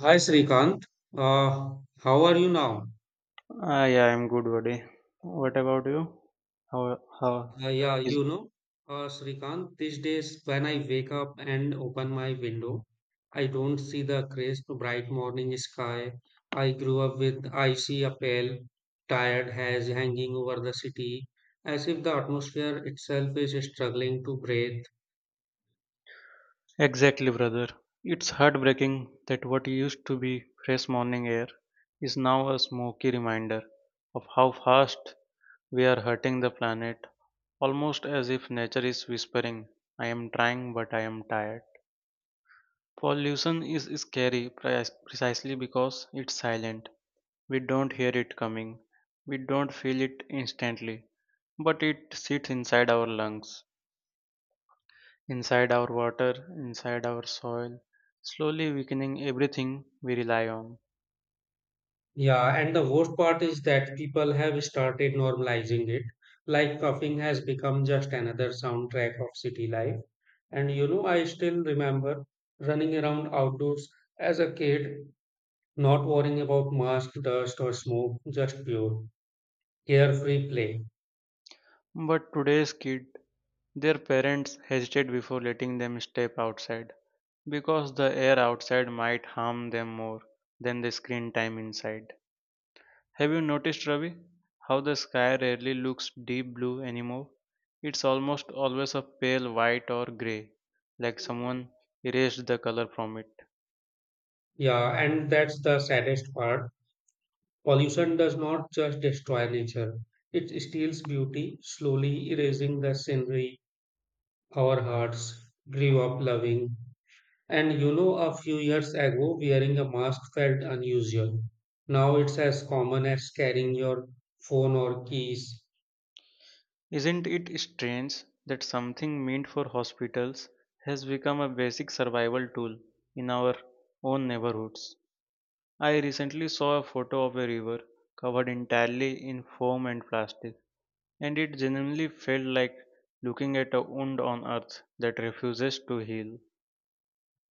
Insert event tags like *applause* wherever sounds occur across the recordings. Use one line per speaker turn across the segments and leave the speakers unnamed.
Hi Srikanth, uh, how are you now?
Ah, yeah, I'm good, buddy. What about you? How, how
Uh, yeah,
is
you know, Srikanth, these days when I wake up and open my window, I don't see the crisp, bright morning sky I grew up with. I see a pale, tired haze hanging over the city, as if the atmosphere itself is struggling to breathe.
exactly, brother? It's heartbreaking that what used to be fresh morning air is now a smoky reminder of how fast we are hurting the planet, almost as if nature is whispering, I am trying, but I am tired. Pollution is precisely because it's silent. We don't hear it coming, we don't feel it instantly but it sits inside our lungs, inside our water, inside our soil, slowly weakening everything we rely on.
Yeah, and the worst part is that people have started normalizing it, like coughing has become just another soundtrack of city life. And you know, I still remember running around outdoors as a kid, not worrying about mask, dust, or smoke, just pure, carefree play.
But today's kid, their parents hesitate before letting them step outside because the air outside might harm them more than the screen time inside. Have you noticed, Ravi, how the sky rarely looks deep blue anymore? It's almost always a pale white or grey, like someone erased the color from it.
Yeah, and that's the saddest part. Pollution does not just destroy nature, it steals beauty, slowly erasing the scenery our hearts grew up loving. And you know, a few years ago, wearing a mask felt unusual. Now it's as common as carrying your phone or keys.
Isn't it strange that something meant for hospitals has become a basic survival tool in our own neighborhoods? I recently saw a photo of a river covered entirely in foam and plastic, and it genuinely felt like looking at a wound on earth that refuses to heal.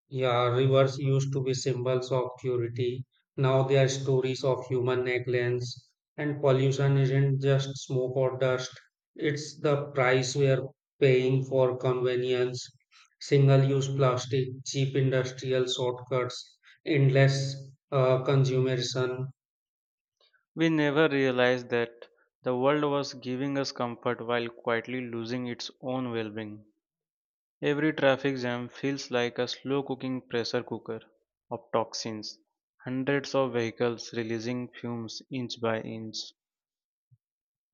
Yeah, rivers used to be symbols of purity. Now they are stories of human negligence. And pollution isn't just smoke or dust, it's the price we are paying for convenience, single use plastic, cheap industrial shortcuts, endless consumerism.
We never realized that the world was giving us comfort while quietly losing its own well being. Every traffic jam feels like a slow cooking pressure cooker of toxins, hundreds of vehicles releasing fumes inch by inch.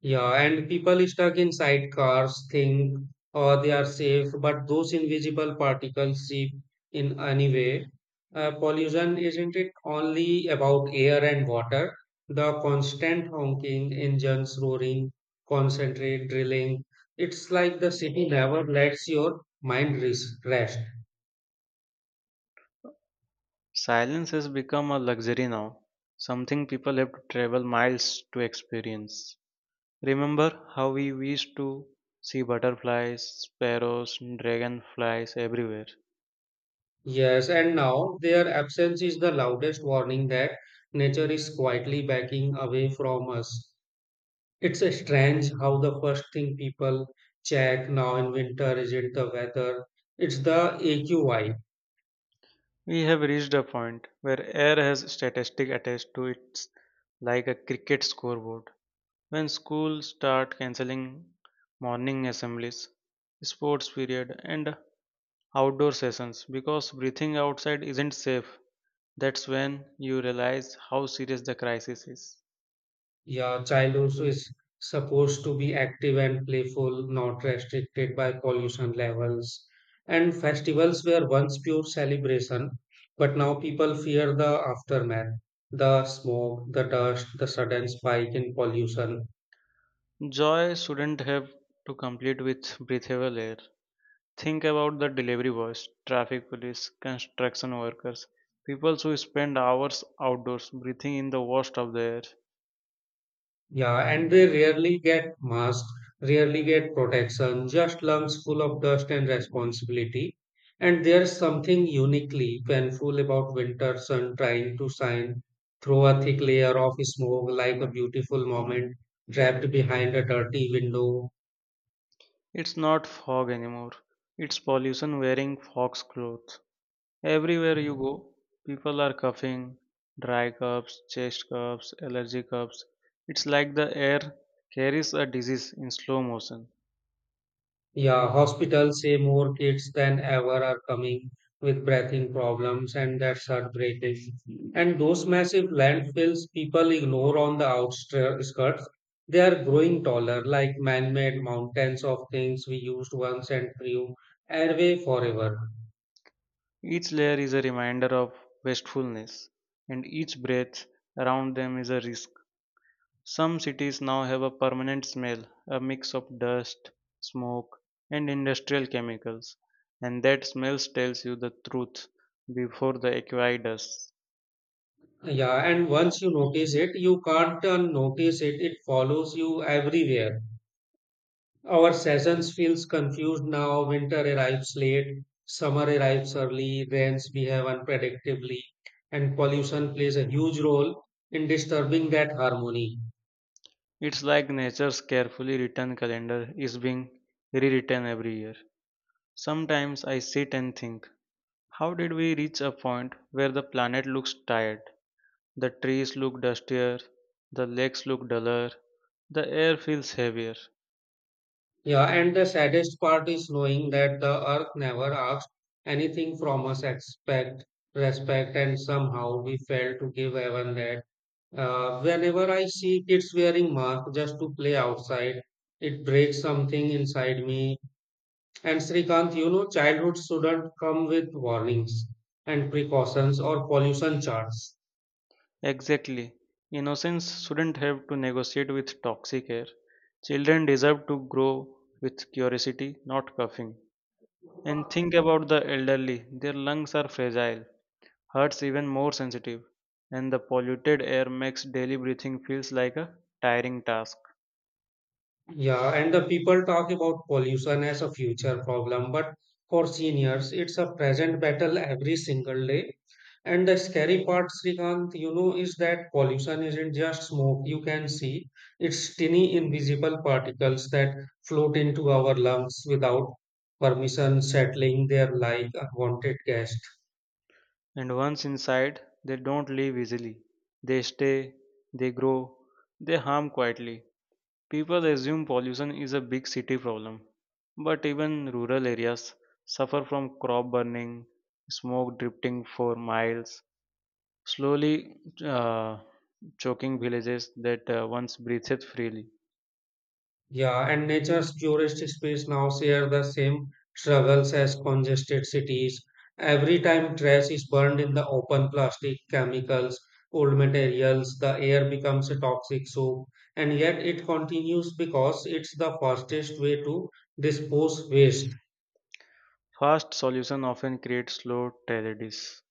Yeah, and people stuck inside cars think oh, they are safe, but those invisible particles seep in anyway. Pollution isn't it only about air and water? The constant honking, engines roaring, concentrate drilling. It's like the city never lets your mind rest.
Silence has become a luxury now, something people have to travel miles to experience. Remember how we used to see butterflies, sparrows, dragonflies everywhere.
Yes, and now their absence is the loudest warning that nature is quietly backing away from us. It's a strange how the first thing people check now in winter isn't the weather, it's the AQI.
We have reached a point where air has statistics attached to it like a cricket scoreboard. When schools start canceling morning assemblies, sports period, and outdoor sessions because breathing outside isn't safe, that's when you realize how serious the crisis is.
Your child also is supposed to be active and playful, not restricted by pollution levels. And festivals were once pure celebration, but now people fear the aftermath, the smoke, the dust, the sudden spike in pollution.
Joy shouldn't have to compete with breathable air. Think about the delivery boys, traffic police, construction workers, people who spend hours outdoors breathing in the worst of the air.
Yeah, and they rarely get masks, rarely get protection, just lungs full of dust and responsibility. And there's something uniquely painful about winter sun trying to shine through a thick layer of smoke like a beautiful moment trapped behind a dirty window.
It's not fog anymore, it's pollution wearing fox clothes. Everywhere you go, people are coughing, dry coughs, chest coughs, allergy coughs. It's like the air carries a disease in slow motion.
Yeah, hospitals say more kids than ever are coming with breathing problems, and that's heartbreaking. And those massive landfills people ignore on the outskirts, they are growing taller, like man made mountains of things we used once and threw away forever.
Each layer is a reminder of wastefulness, and each breath around them is a risk. Some cities now have a permanent smell, a mix of dust, smoke, and industrial chemicals, and that smell tells you the truth before the acquired does.
Yeah, and once you notice it, you can't unnotice it, it follows you everywhere. Our seasons feels confused now. Winter arrives late, summer arrives early, rains behave unpredictably, and pollution plays a huge role in disturbing that harmony.
It's like nature's carefully written calendar is being rewritten every year. Sometimes I sit and think, how did we reach a point where the planet looks tired? The trees look dustier, the lakes look duller, the air feels heavier.
Yeah, and the saddest part is knowing that the earth never asked anything from us except respect, and somehow we fail to give even that. Whenever I see kids wearing masks just to play outside, it breaks something inside me. And Srikanth, you know, childhood shouldn't come with warnings and precautions or pollution charts.
Exactly. Innocents shouldn't have to negotiate with toxic air. Children deserve to grow with curiosity, not coughing. And think about the elderly, their lungs are fragile heart's even more sensitive, and the polluted air makes daily breathing feels like a tiring task.
Yeah, and the people talk about pollution as a future problem, but for seniors, it's a present battle every single day. And the scary part, Srikanth, you know, is that pollution isn't just smoke you can see, it's tiny invisible particles that float into our lungs without permission, settling there like unwanted gas.
And once inside, they don't leave easily. They stay, they grow, they harm quietly. People assume pollution is a big city problem, but even rural areas suffer from crop burning, smoke drifting for miles, slowly uh, choking villages that once breathed freely.
Yeah, and nature's tourist space now share the same struggles as congested cities. Every time trash is burned in the open, plastic, chemicals, old materials, the air becomes a toxic soup, and yet it continues because it's the fastest way to dispose waste.
Fast solution often creates slow tragedies.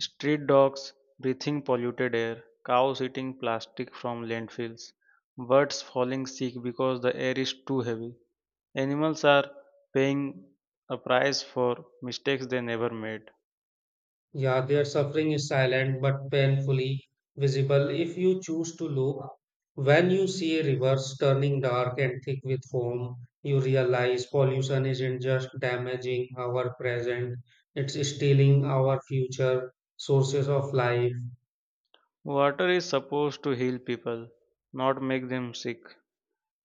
Street dogs breathing polluted air, cows eating plastic from landfills, birds falling sick because the air is too heavy. Animals are paying a price for mistakes they never made.
Yeah, their suffering is silent but painfully visible if you choose to look. When you see a reverse turning dark and thick with foam, you realize pollution isn't just damaging our present, it's stealing our future sources of life.
Water is supposed to heal people, not make them sick.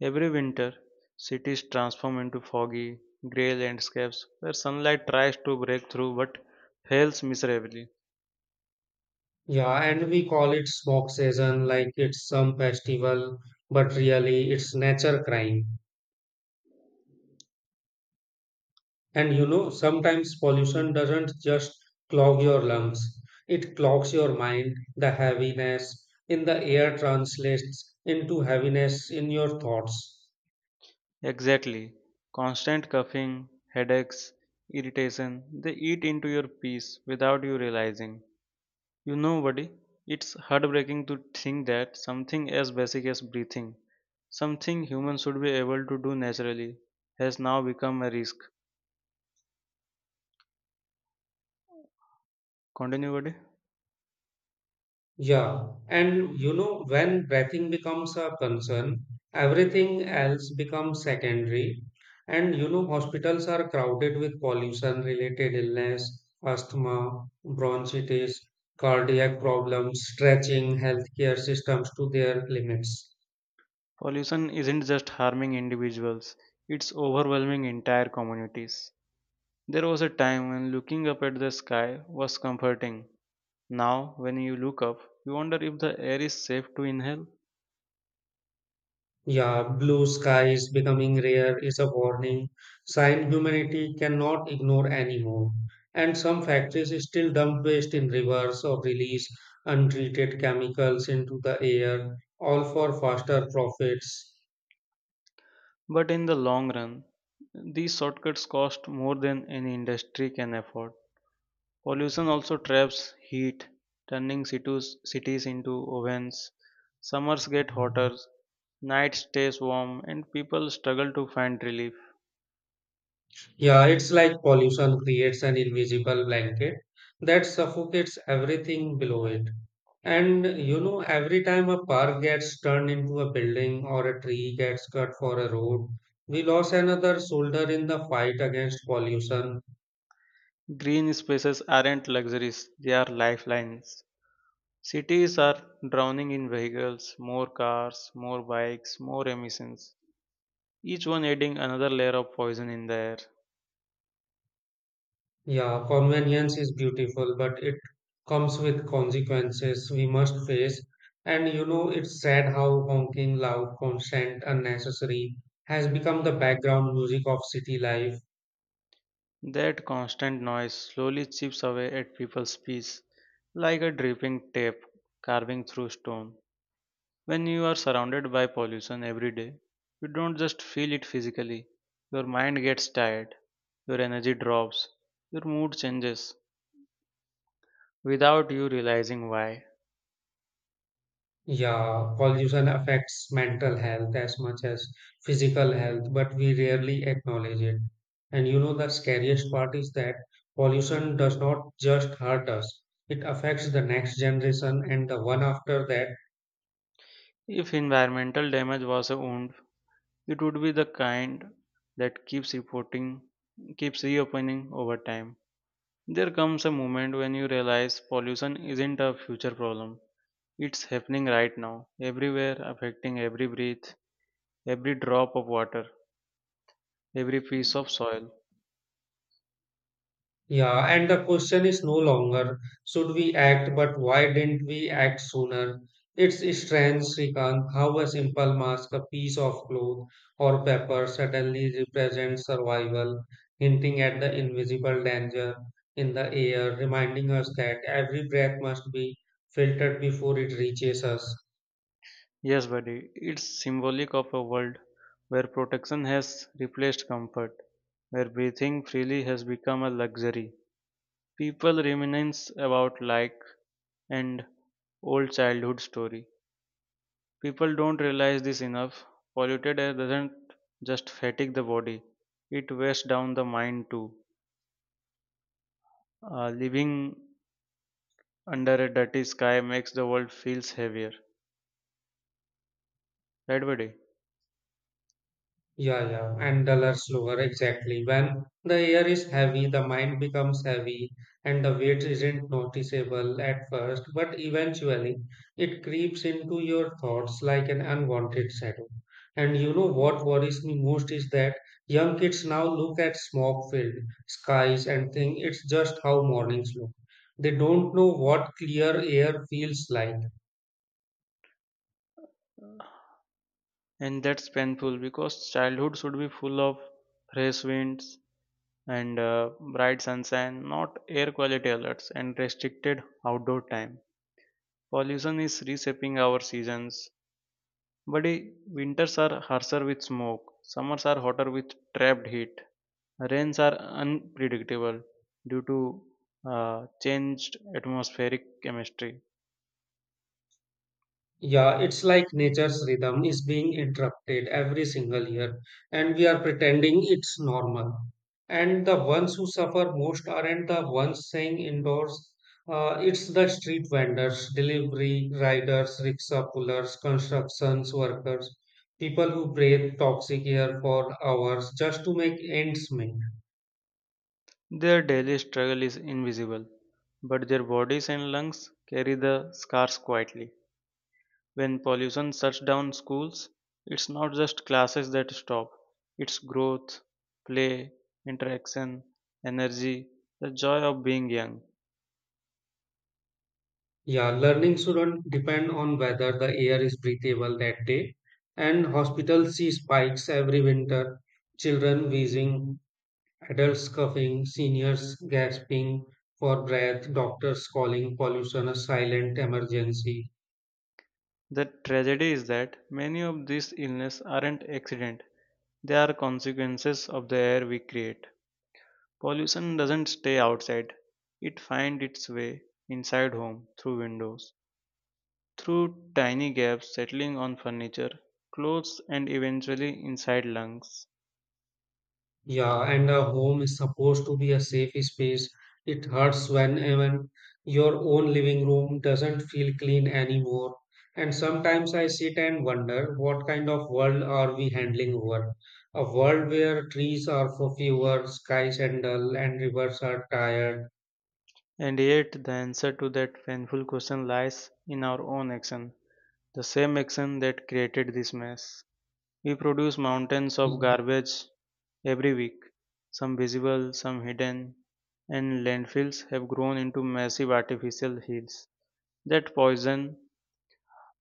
Every winter, cities transform into foggy, grey landscapes where sunlight tries to break through but fails miserably.
Yeah, and we call it smoke season like it's some festival, but really it's nature crime. And you know, sometimes pollution doesn't just clog your lungs, it clogs your mind. The heaviness in the air translates into heaviness in your thoughts.
Exactly. Constant coughing, headaches, irritation, they eat into your peace without you realizing. You know, buddy, it's heartbreaking to think that something as basic as breathing, something humans should be able to do naturally, has now become a risk. Continue, buddy.
Yeah, and you know, when breathing becomes a concern, everything else becomes secondary. And you know, hospitals are crowded with pollution related illness, asthma, bronchitis, cardiac problems, stretching healthcare systems to their limits.
Pollution isn't just harming individuals, it's overwhelming entire communities. There was a time when looking up at the sky was comforting. Now, when you look up, you wonder if the air is safe to inhale.
Yeah, blue skies becoming rare is a warning sign humanity cannot ignore anymore. And some factories still dump waste in rivers or release untreated chemicals into the air, all for faster profits.
But in the long run, these shortcuts cost more than any industry can afford. Pollution also traps heat, turning cities into ovens. Summers get hotter, night stays warm, and people struggle to find relief.
Yeah, it's like pollution creates an invisible blanket that suffocates everything below it. And you know, every time a park gets turned into a building or a tree gets cut for a road, we lost another soldier in the fight against pollution.
Green spaces aren't luxuries, they are lifelines. Cities are drowning in vehicles, more cars, more bikes, more emissions. Each one adding another layer of poison in the air.
Yeah, convenience is beautiful, but it comes with consequences we must face. And you know, it's sad how honking, loud, constant, unnecessary has become the background music of city life.
That constant noise slowly chips away at people's peace, like a dripping tape carving through stone. When you are surrounded by pollution every day, you don't just feel it physically. Your mind gets tired, your energy drops, your mood changes without you realizing why.
Yeah, pollution affects mental health as much as physical health, but we rarely acknowledge it. And you know, the scariest part is that pollution does not just hurt us, it affects the next generation and the one after that.
If environmental damage was a wound, it would be the kind that keeps reporting, keeps reopening over time. There comes a moment when you realize pollution isn't a future problem. It's happening right now, everywhere, affecting every breath, every drop of water, every piece of soil.
Yeah, and the question is no longer should we act, but why didn't we act sooner? It's strange, Srikanth, how a simple mask, a piece of cloth, or paper suddenly represents survival, hinting at the invisible danger in the air, reminding us that every breath must be filtered before it reaches us.
Yes, buddy, it's symbolic of a world where protection has replaced comfort, where breathing freely has become a luxury. People reminisce about like and old childhood story. People don't realize this enough. Polluted air doesn't just fatigue the body, it wears down the mind too. Living under a dirty sky makes the world feels heavier. Right, buddy?
Yeah, yeah, and dollar slower exactly. When the air is heavy, the mind becomes heavy, and the weight isn't noticeable at first, but eventually it creeps into your thoughts like an unwanted shadow. And you know what worries me most is that young kids now look at smog-filled skies and think it's just how mornings look. They don't know what clear air feels like.
And that's painful because childhood should be full of fresh winds and bright sunshine, not air quality alerts and restricted outdoor time. Pollution is reshaping our seasons. Buddy, winters are harsher with smoke, summers are hotter with trapped heat, rains are unpredictable due to changed atmospheric chemistry.
Yeah, it's like nature's rhythm is being interrupted every single year, and we are pretending it's normal. And the ones who suffer most aren't the ones staying indoors. It's the street vendors, delivery riders, rickshaw pullers, constructions workers, people who breathe toxic air for hours just to make ends meet.
Their daily struggle is invisible, but their bodies and lungs carry the scars quietly. When pollution shuts down schools, it's not just classes that stop, it's growth, play, interaction, energy, the joy of being young.
Yeah, learning shouldn't depend on whether the air is breathable that day. And hospitals see spikes every winter, children wheezing, adults coughing, seniors gasping for breath, doctors calling pollution a silent emergency.
The tragedy is that many of these illnesses aren't accident, they are consequences of the air we create. Pollution doesn't stay outside. It finds its way inside home through windows, through tiny gaps settling on furniture, clothes and eventually inside lungs.
Yeah, and a home is supposed to be a safe space. It hurts when even your own living room doesn't feel clean anymore. And sometimes I sit and wonder what kind of world are we handling over? A world where trees are for fewer, skies are dull, and rivers are tired.
And yet the answer to that painful question lies in our own action, the same action that created this mess. We produce mountains of garbage every week, some visible, some hidden, and landfills have grown into massive artificial hills that poison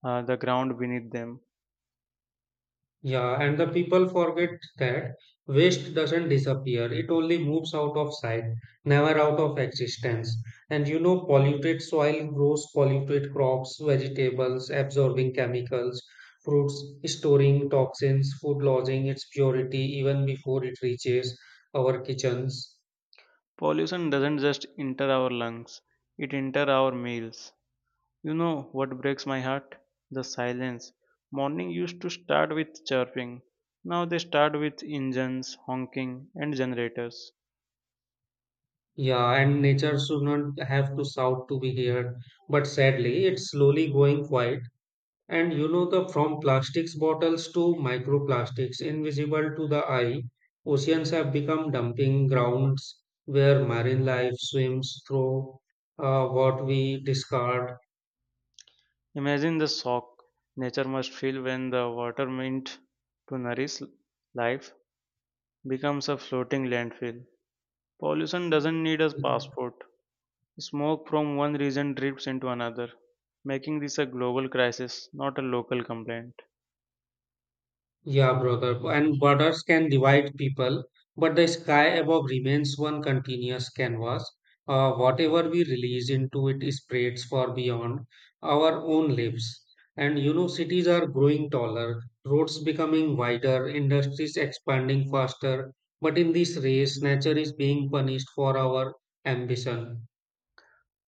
the ground beneath them.
Yeah, and the people forget that waste doesn't disappear. It only moves out of sight, never out of existence. And you know, polluted soil grows polluted crops, vegetables, absorbing chemicals, fruits, storing toxins, food losing its purity even before it reaches our kitchens.
Pollution doesn't just enter our lungs, it enters our meals. You know what breaks my heart? The silence. Morning used to start with chirping. Now they start with engines, honking, and generators.
Yeah, and nature should not have to shout to be heard. But sadly, it's slowly going quiet. And you know the from plastics bottles to microplastics invisible to the eye, oceans have become dumping grounds where marine life swims through what we discard.
Imagine the shock nature must feel when the water meant to nourish life becomes a floating landfill. Pollution doesn't need a passport. Smoke from one region drifts into another, making this a global crisis, not a local complaint.
Yeah, brother. And borders can divide people, but the sky above remains one continuous canvas. Whatever we release into it spreads far beyond our own lives. And you know, cities are growing taller, roads becoming wider, industries expanding faster. But in this race, nature is being punished for our ambition.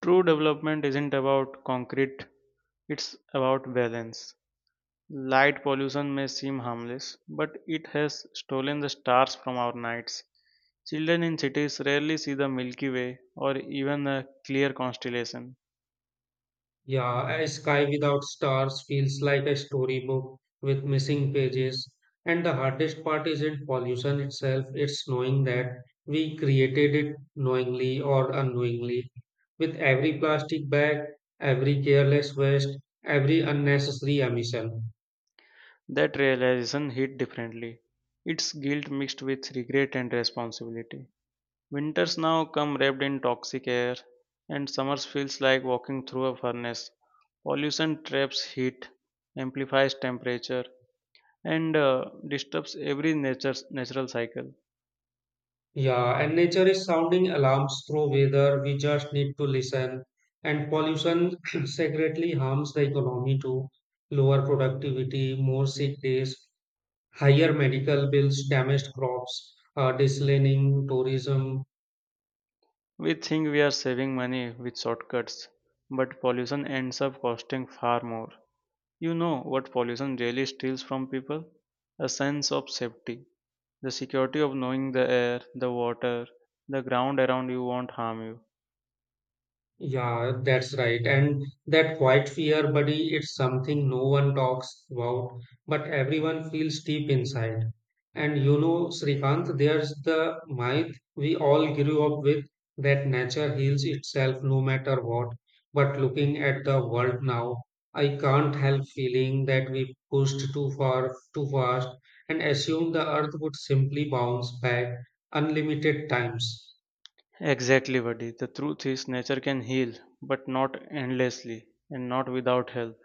True development isn't about concrete, it's about balance. Light pollution may seem harmless, but it has stolen the stars from our nights. Children in cities rarely see the Milky Way or even a clear constellation.
Yeah, a sky without stars feels like a storybook with missing pages. And the hardest part isn't pollution itself, it's knowing that we created it knowingly or unknowingly. With every plastic bag, every careless waste, every unnecessary emission.
That realization hit differently. It's guilt mixed with regret and responsibility. Winters now come wrapped in toxic air, and summers feels like walking through a furnace. Pollution traps heat, amplifies temperature, and disturbs every nature's natural cycle.
Yeah, and nature is sounding alarms through weather, we just need to listen. And pollution *clears throat* secretly harms the economy too. Lower productivity, more sick days. Higher medical bills damaged crops, dislining tourism.
We think we are saving money with shortcuts, but pollution ends up costing far more. You know what pollution really steals from people? A sense of safety, the security of knowing the air, the water, the ground around you won't harm you.
Yeah, that's right. And that quiet fear, buddy, it's something no one talks about, but everyone feels deep inside. And you know, Srikanth, there's the myth we all grew up with that nature heals itself no matter what. But looking at the world now, I can't help feeling that we pushed too far, too fast, and assumed the earth would simply bounce back unlimited times.
Exactly, Vadi. The truth is, nature can heal, but not endlessly and not without help.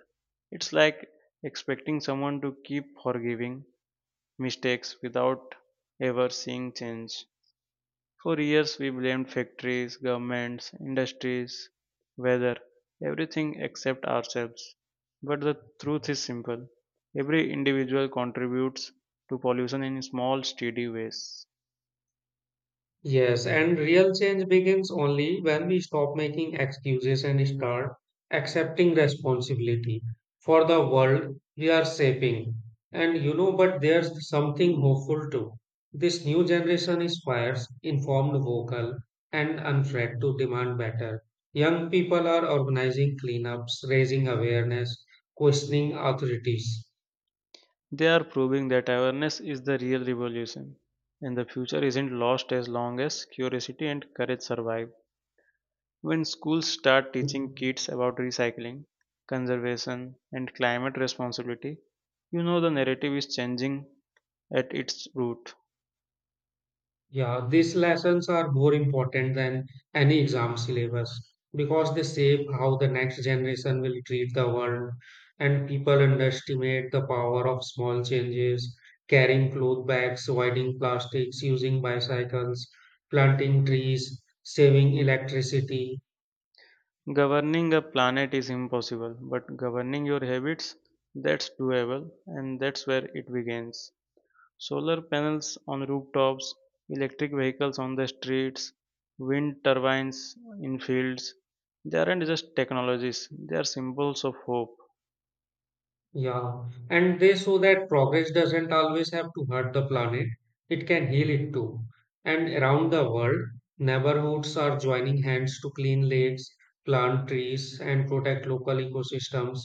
It's like expecting someone to keep forgiving mistakes without ever seeing change. For years, we blamed factories, governments, industries, weather, everything except ourselves. But the truth is simple every individual contributes to pollution in small, steady ways.
Yes, and real change begins only when we stop making excuses and start accepting responsibility for the world we are shaping. And you know, but there's something hopeful too. This new generation is fierce, informed, vocal, and unafraid to demand better. Young people are organizing cleanups, raising awareness, questioning authorities.
They are proving that awareness is the real revolution, and the future isn't lost as long as curiosity and courage survive. When schools start teaching kids about recycling, conservation, and climate responsibility, you know the narrative is changing at its root.
Yeah, these lessons are more important than any exam syllabus because they shape how the next generation will treat the world, and people underestimate the power of small changes, carrying cloth bags, avoiding plastics, using bicycles, planting trees, saving electricity.
Governing a planet is impossible, but governing your habits, that's doable, and that's where it begins. Solar panels on rooftops, electric vehicles on the streets, wind turbines in fields. They aren't just technologies, they are symbols of hope.
Yeah, and they show that progress doesn't always have to hurt the planet, it can heal it too. And around the world, neighborhoods are joining hands to clean lakes, plant trees, and protect local ecosystems,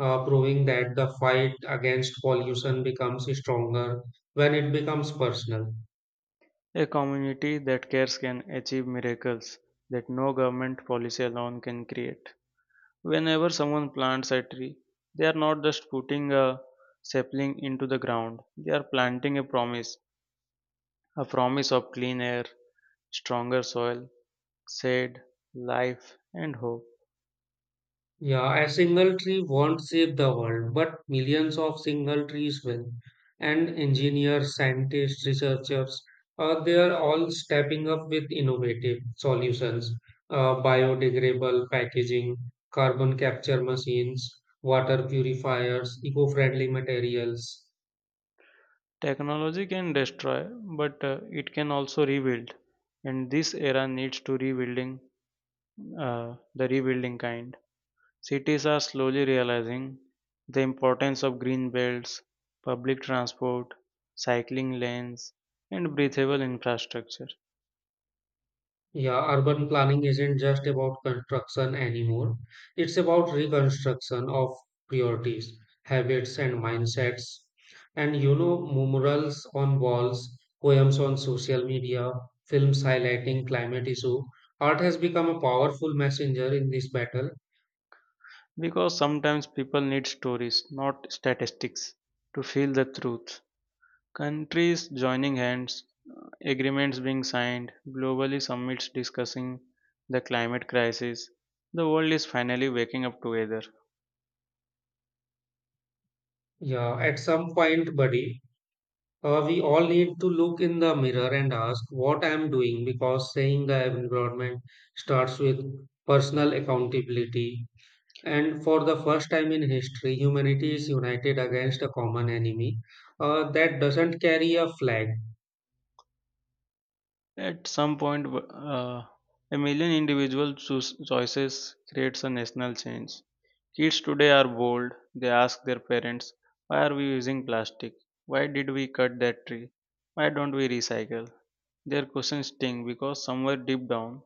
proving that the fight against pollution becomes stronger when it becomes personal.
A community that cares can achieve miracles that no government policy alone can create. Whenever someone plants a tree, they are not just putting a sapling into the ground, they are planting a promise of clean air, stronger soil, shade, life, and hope.
Yeah, a single tree won't save the world, but millions of single trees will. And engineers, scientists, researchers, they are all stepping up with innovative solutions, biodegradable packaging, carbon capture machines, water purifiers, eco-friendly materials.
Technology can destroy, but it can also rebuild. And this era needs to rebuilding, the rebuilding kind. Cities are slowly realizing the importance of green belts, public transport, cycling lanes, and breathable infrastructure.
Yeah, urban planning isn't just about construction anymore. It's about reconstruction of priorities, habits, and mindsets. And you know, murals on walls, poems on social media, films highlighting climate issue. Art has become a powerful messenger in this battle.
Because sometimes people need stories, not statistics, to feel the truth. Countries joining hands, agreements being signed, globally summits discussing the climate crisis. The world is finally waking up together.
Yeah, at some point, buddy, we all need to look in the mirror and ask what I'm doing because saying the environment starts with personal accountability. And for the first time in history, humanity is united against a common enemy that doesn't carry a flag.
At some point, a million individual choices creates a national change. Kids today are bold. They ask their parents, "Why are we using plastic? Why did we cut that tree? Why don't we recycle?" Their questions sting because somewhere deep down,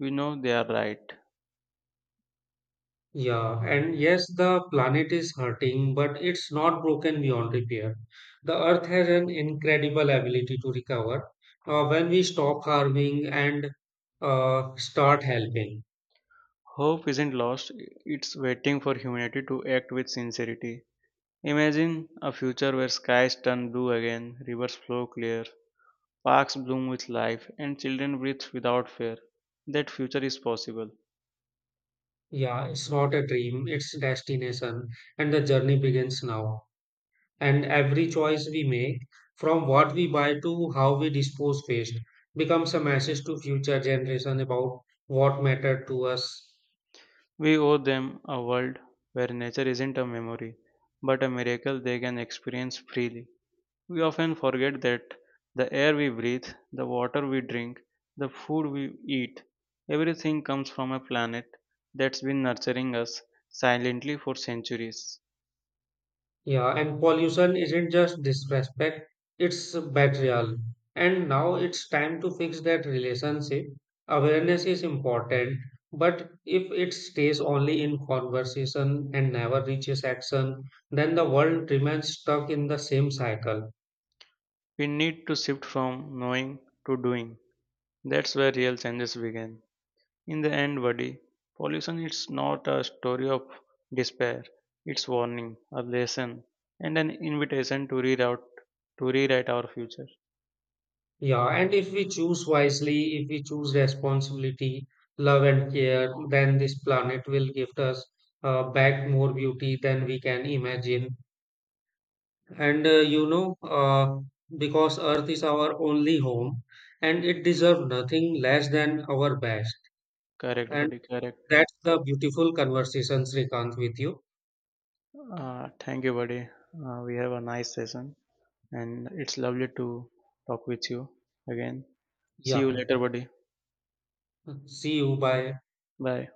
we know they are right.
Yeah, and yes, the planet is hurting, but it's not broken beyond repair. The Earth has an incredible ability to recover when we stop harming and start helping.
Hope isn't lost, it's waiting for humanity to act with sincerity. Imagine a future where skies turn blue again, rivers flow clear, parks bloom with life, and children breathe without fear. That future is possible.
Yeah, it's not a dream, it's destination, and the journey begins now. And every choice we make, from what we buy to how we dispose waste, becomes a message to future generations about what mattered to us.
We owe them a world where nature isn't a memory, but a miracle they can experience freely. We often forget that the air we breathe, the water we drink, the food we eat, everything comes from a planet that's been nurturing us silently for centuries.
Yeah, and pollution isn't just disrespect, it's betrayal. And now it's time to fix that relationship. Awareness is important, but if it stays only in conversation and never reaches action, then the world remains stuck in the same cycle.
We need to shift from knowing to doing. That's where real changes begin. In the end, buddy, pollution is not a story of despair. It's warning, a lesson, and an invitation to reroute, to rewrite our future.
Yeah, and if we choose wisely, if we choose responsibility, love, and care, then this planet will give us back more beauty than we can imagine. And uh, you know, uh, because Earth is our only home and it deserves nothing less than our best.
Correct,
And
buddy, correct.
that's the beautiful conversation, Srikant, with you.
Thank you, buddy. We have a nice session, and it's lovely to talk with you again. See you
Yeah.
later, buddy.
See you. Bye.
Bye.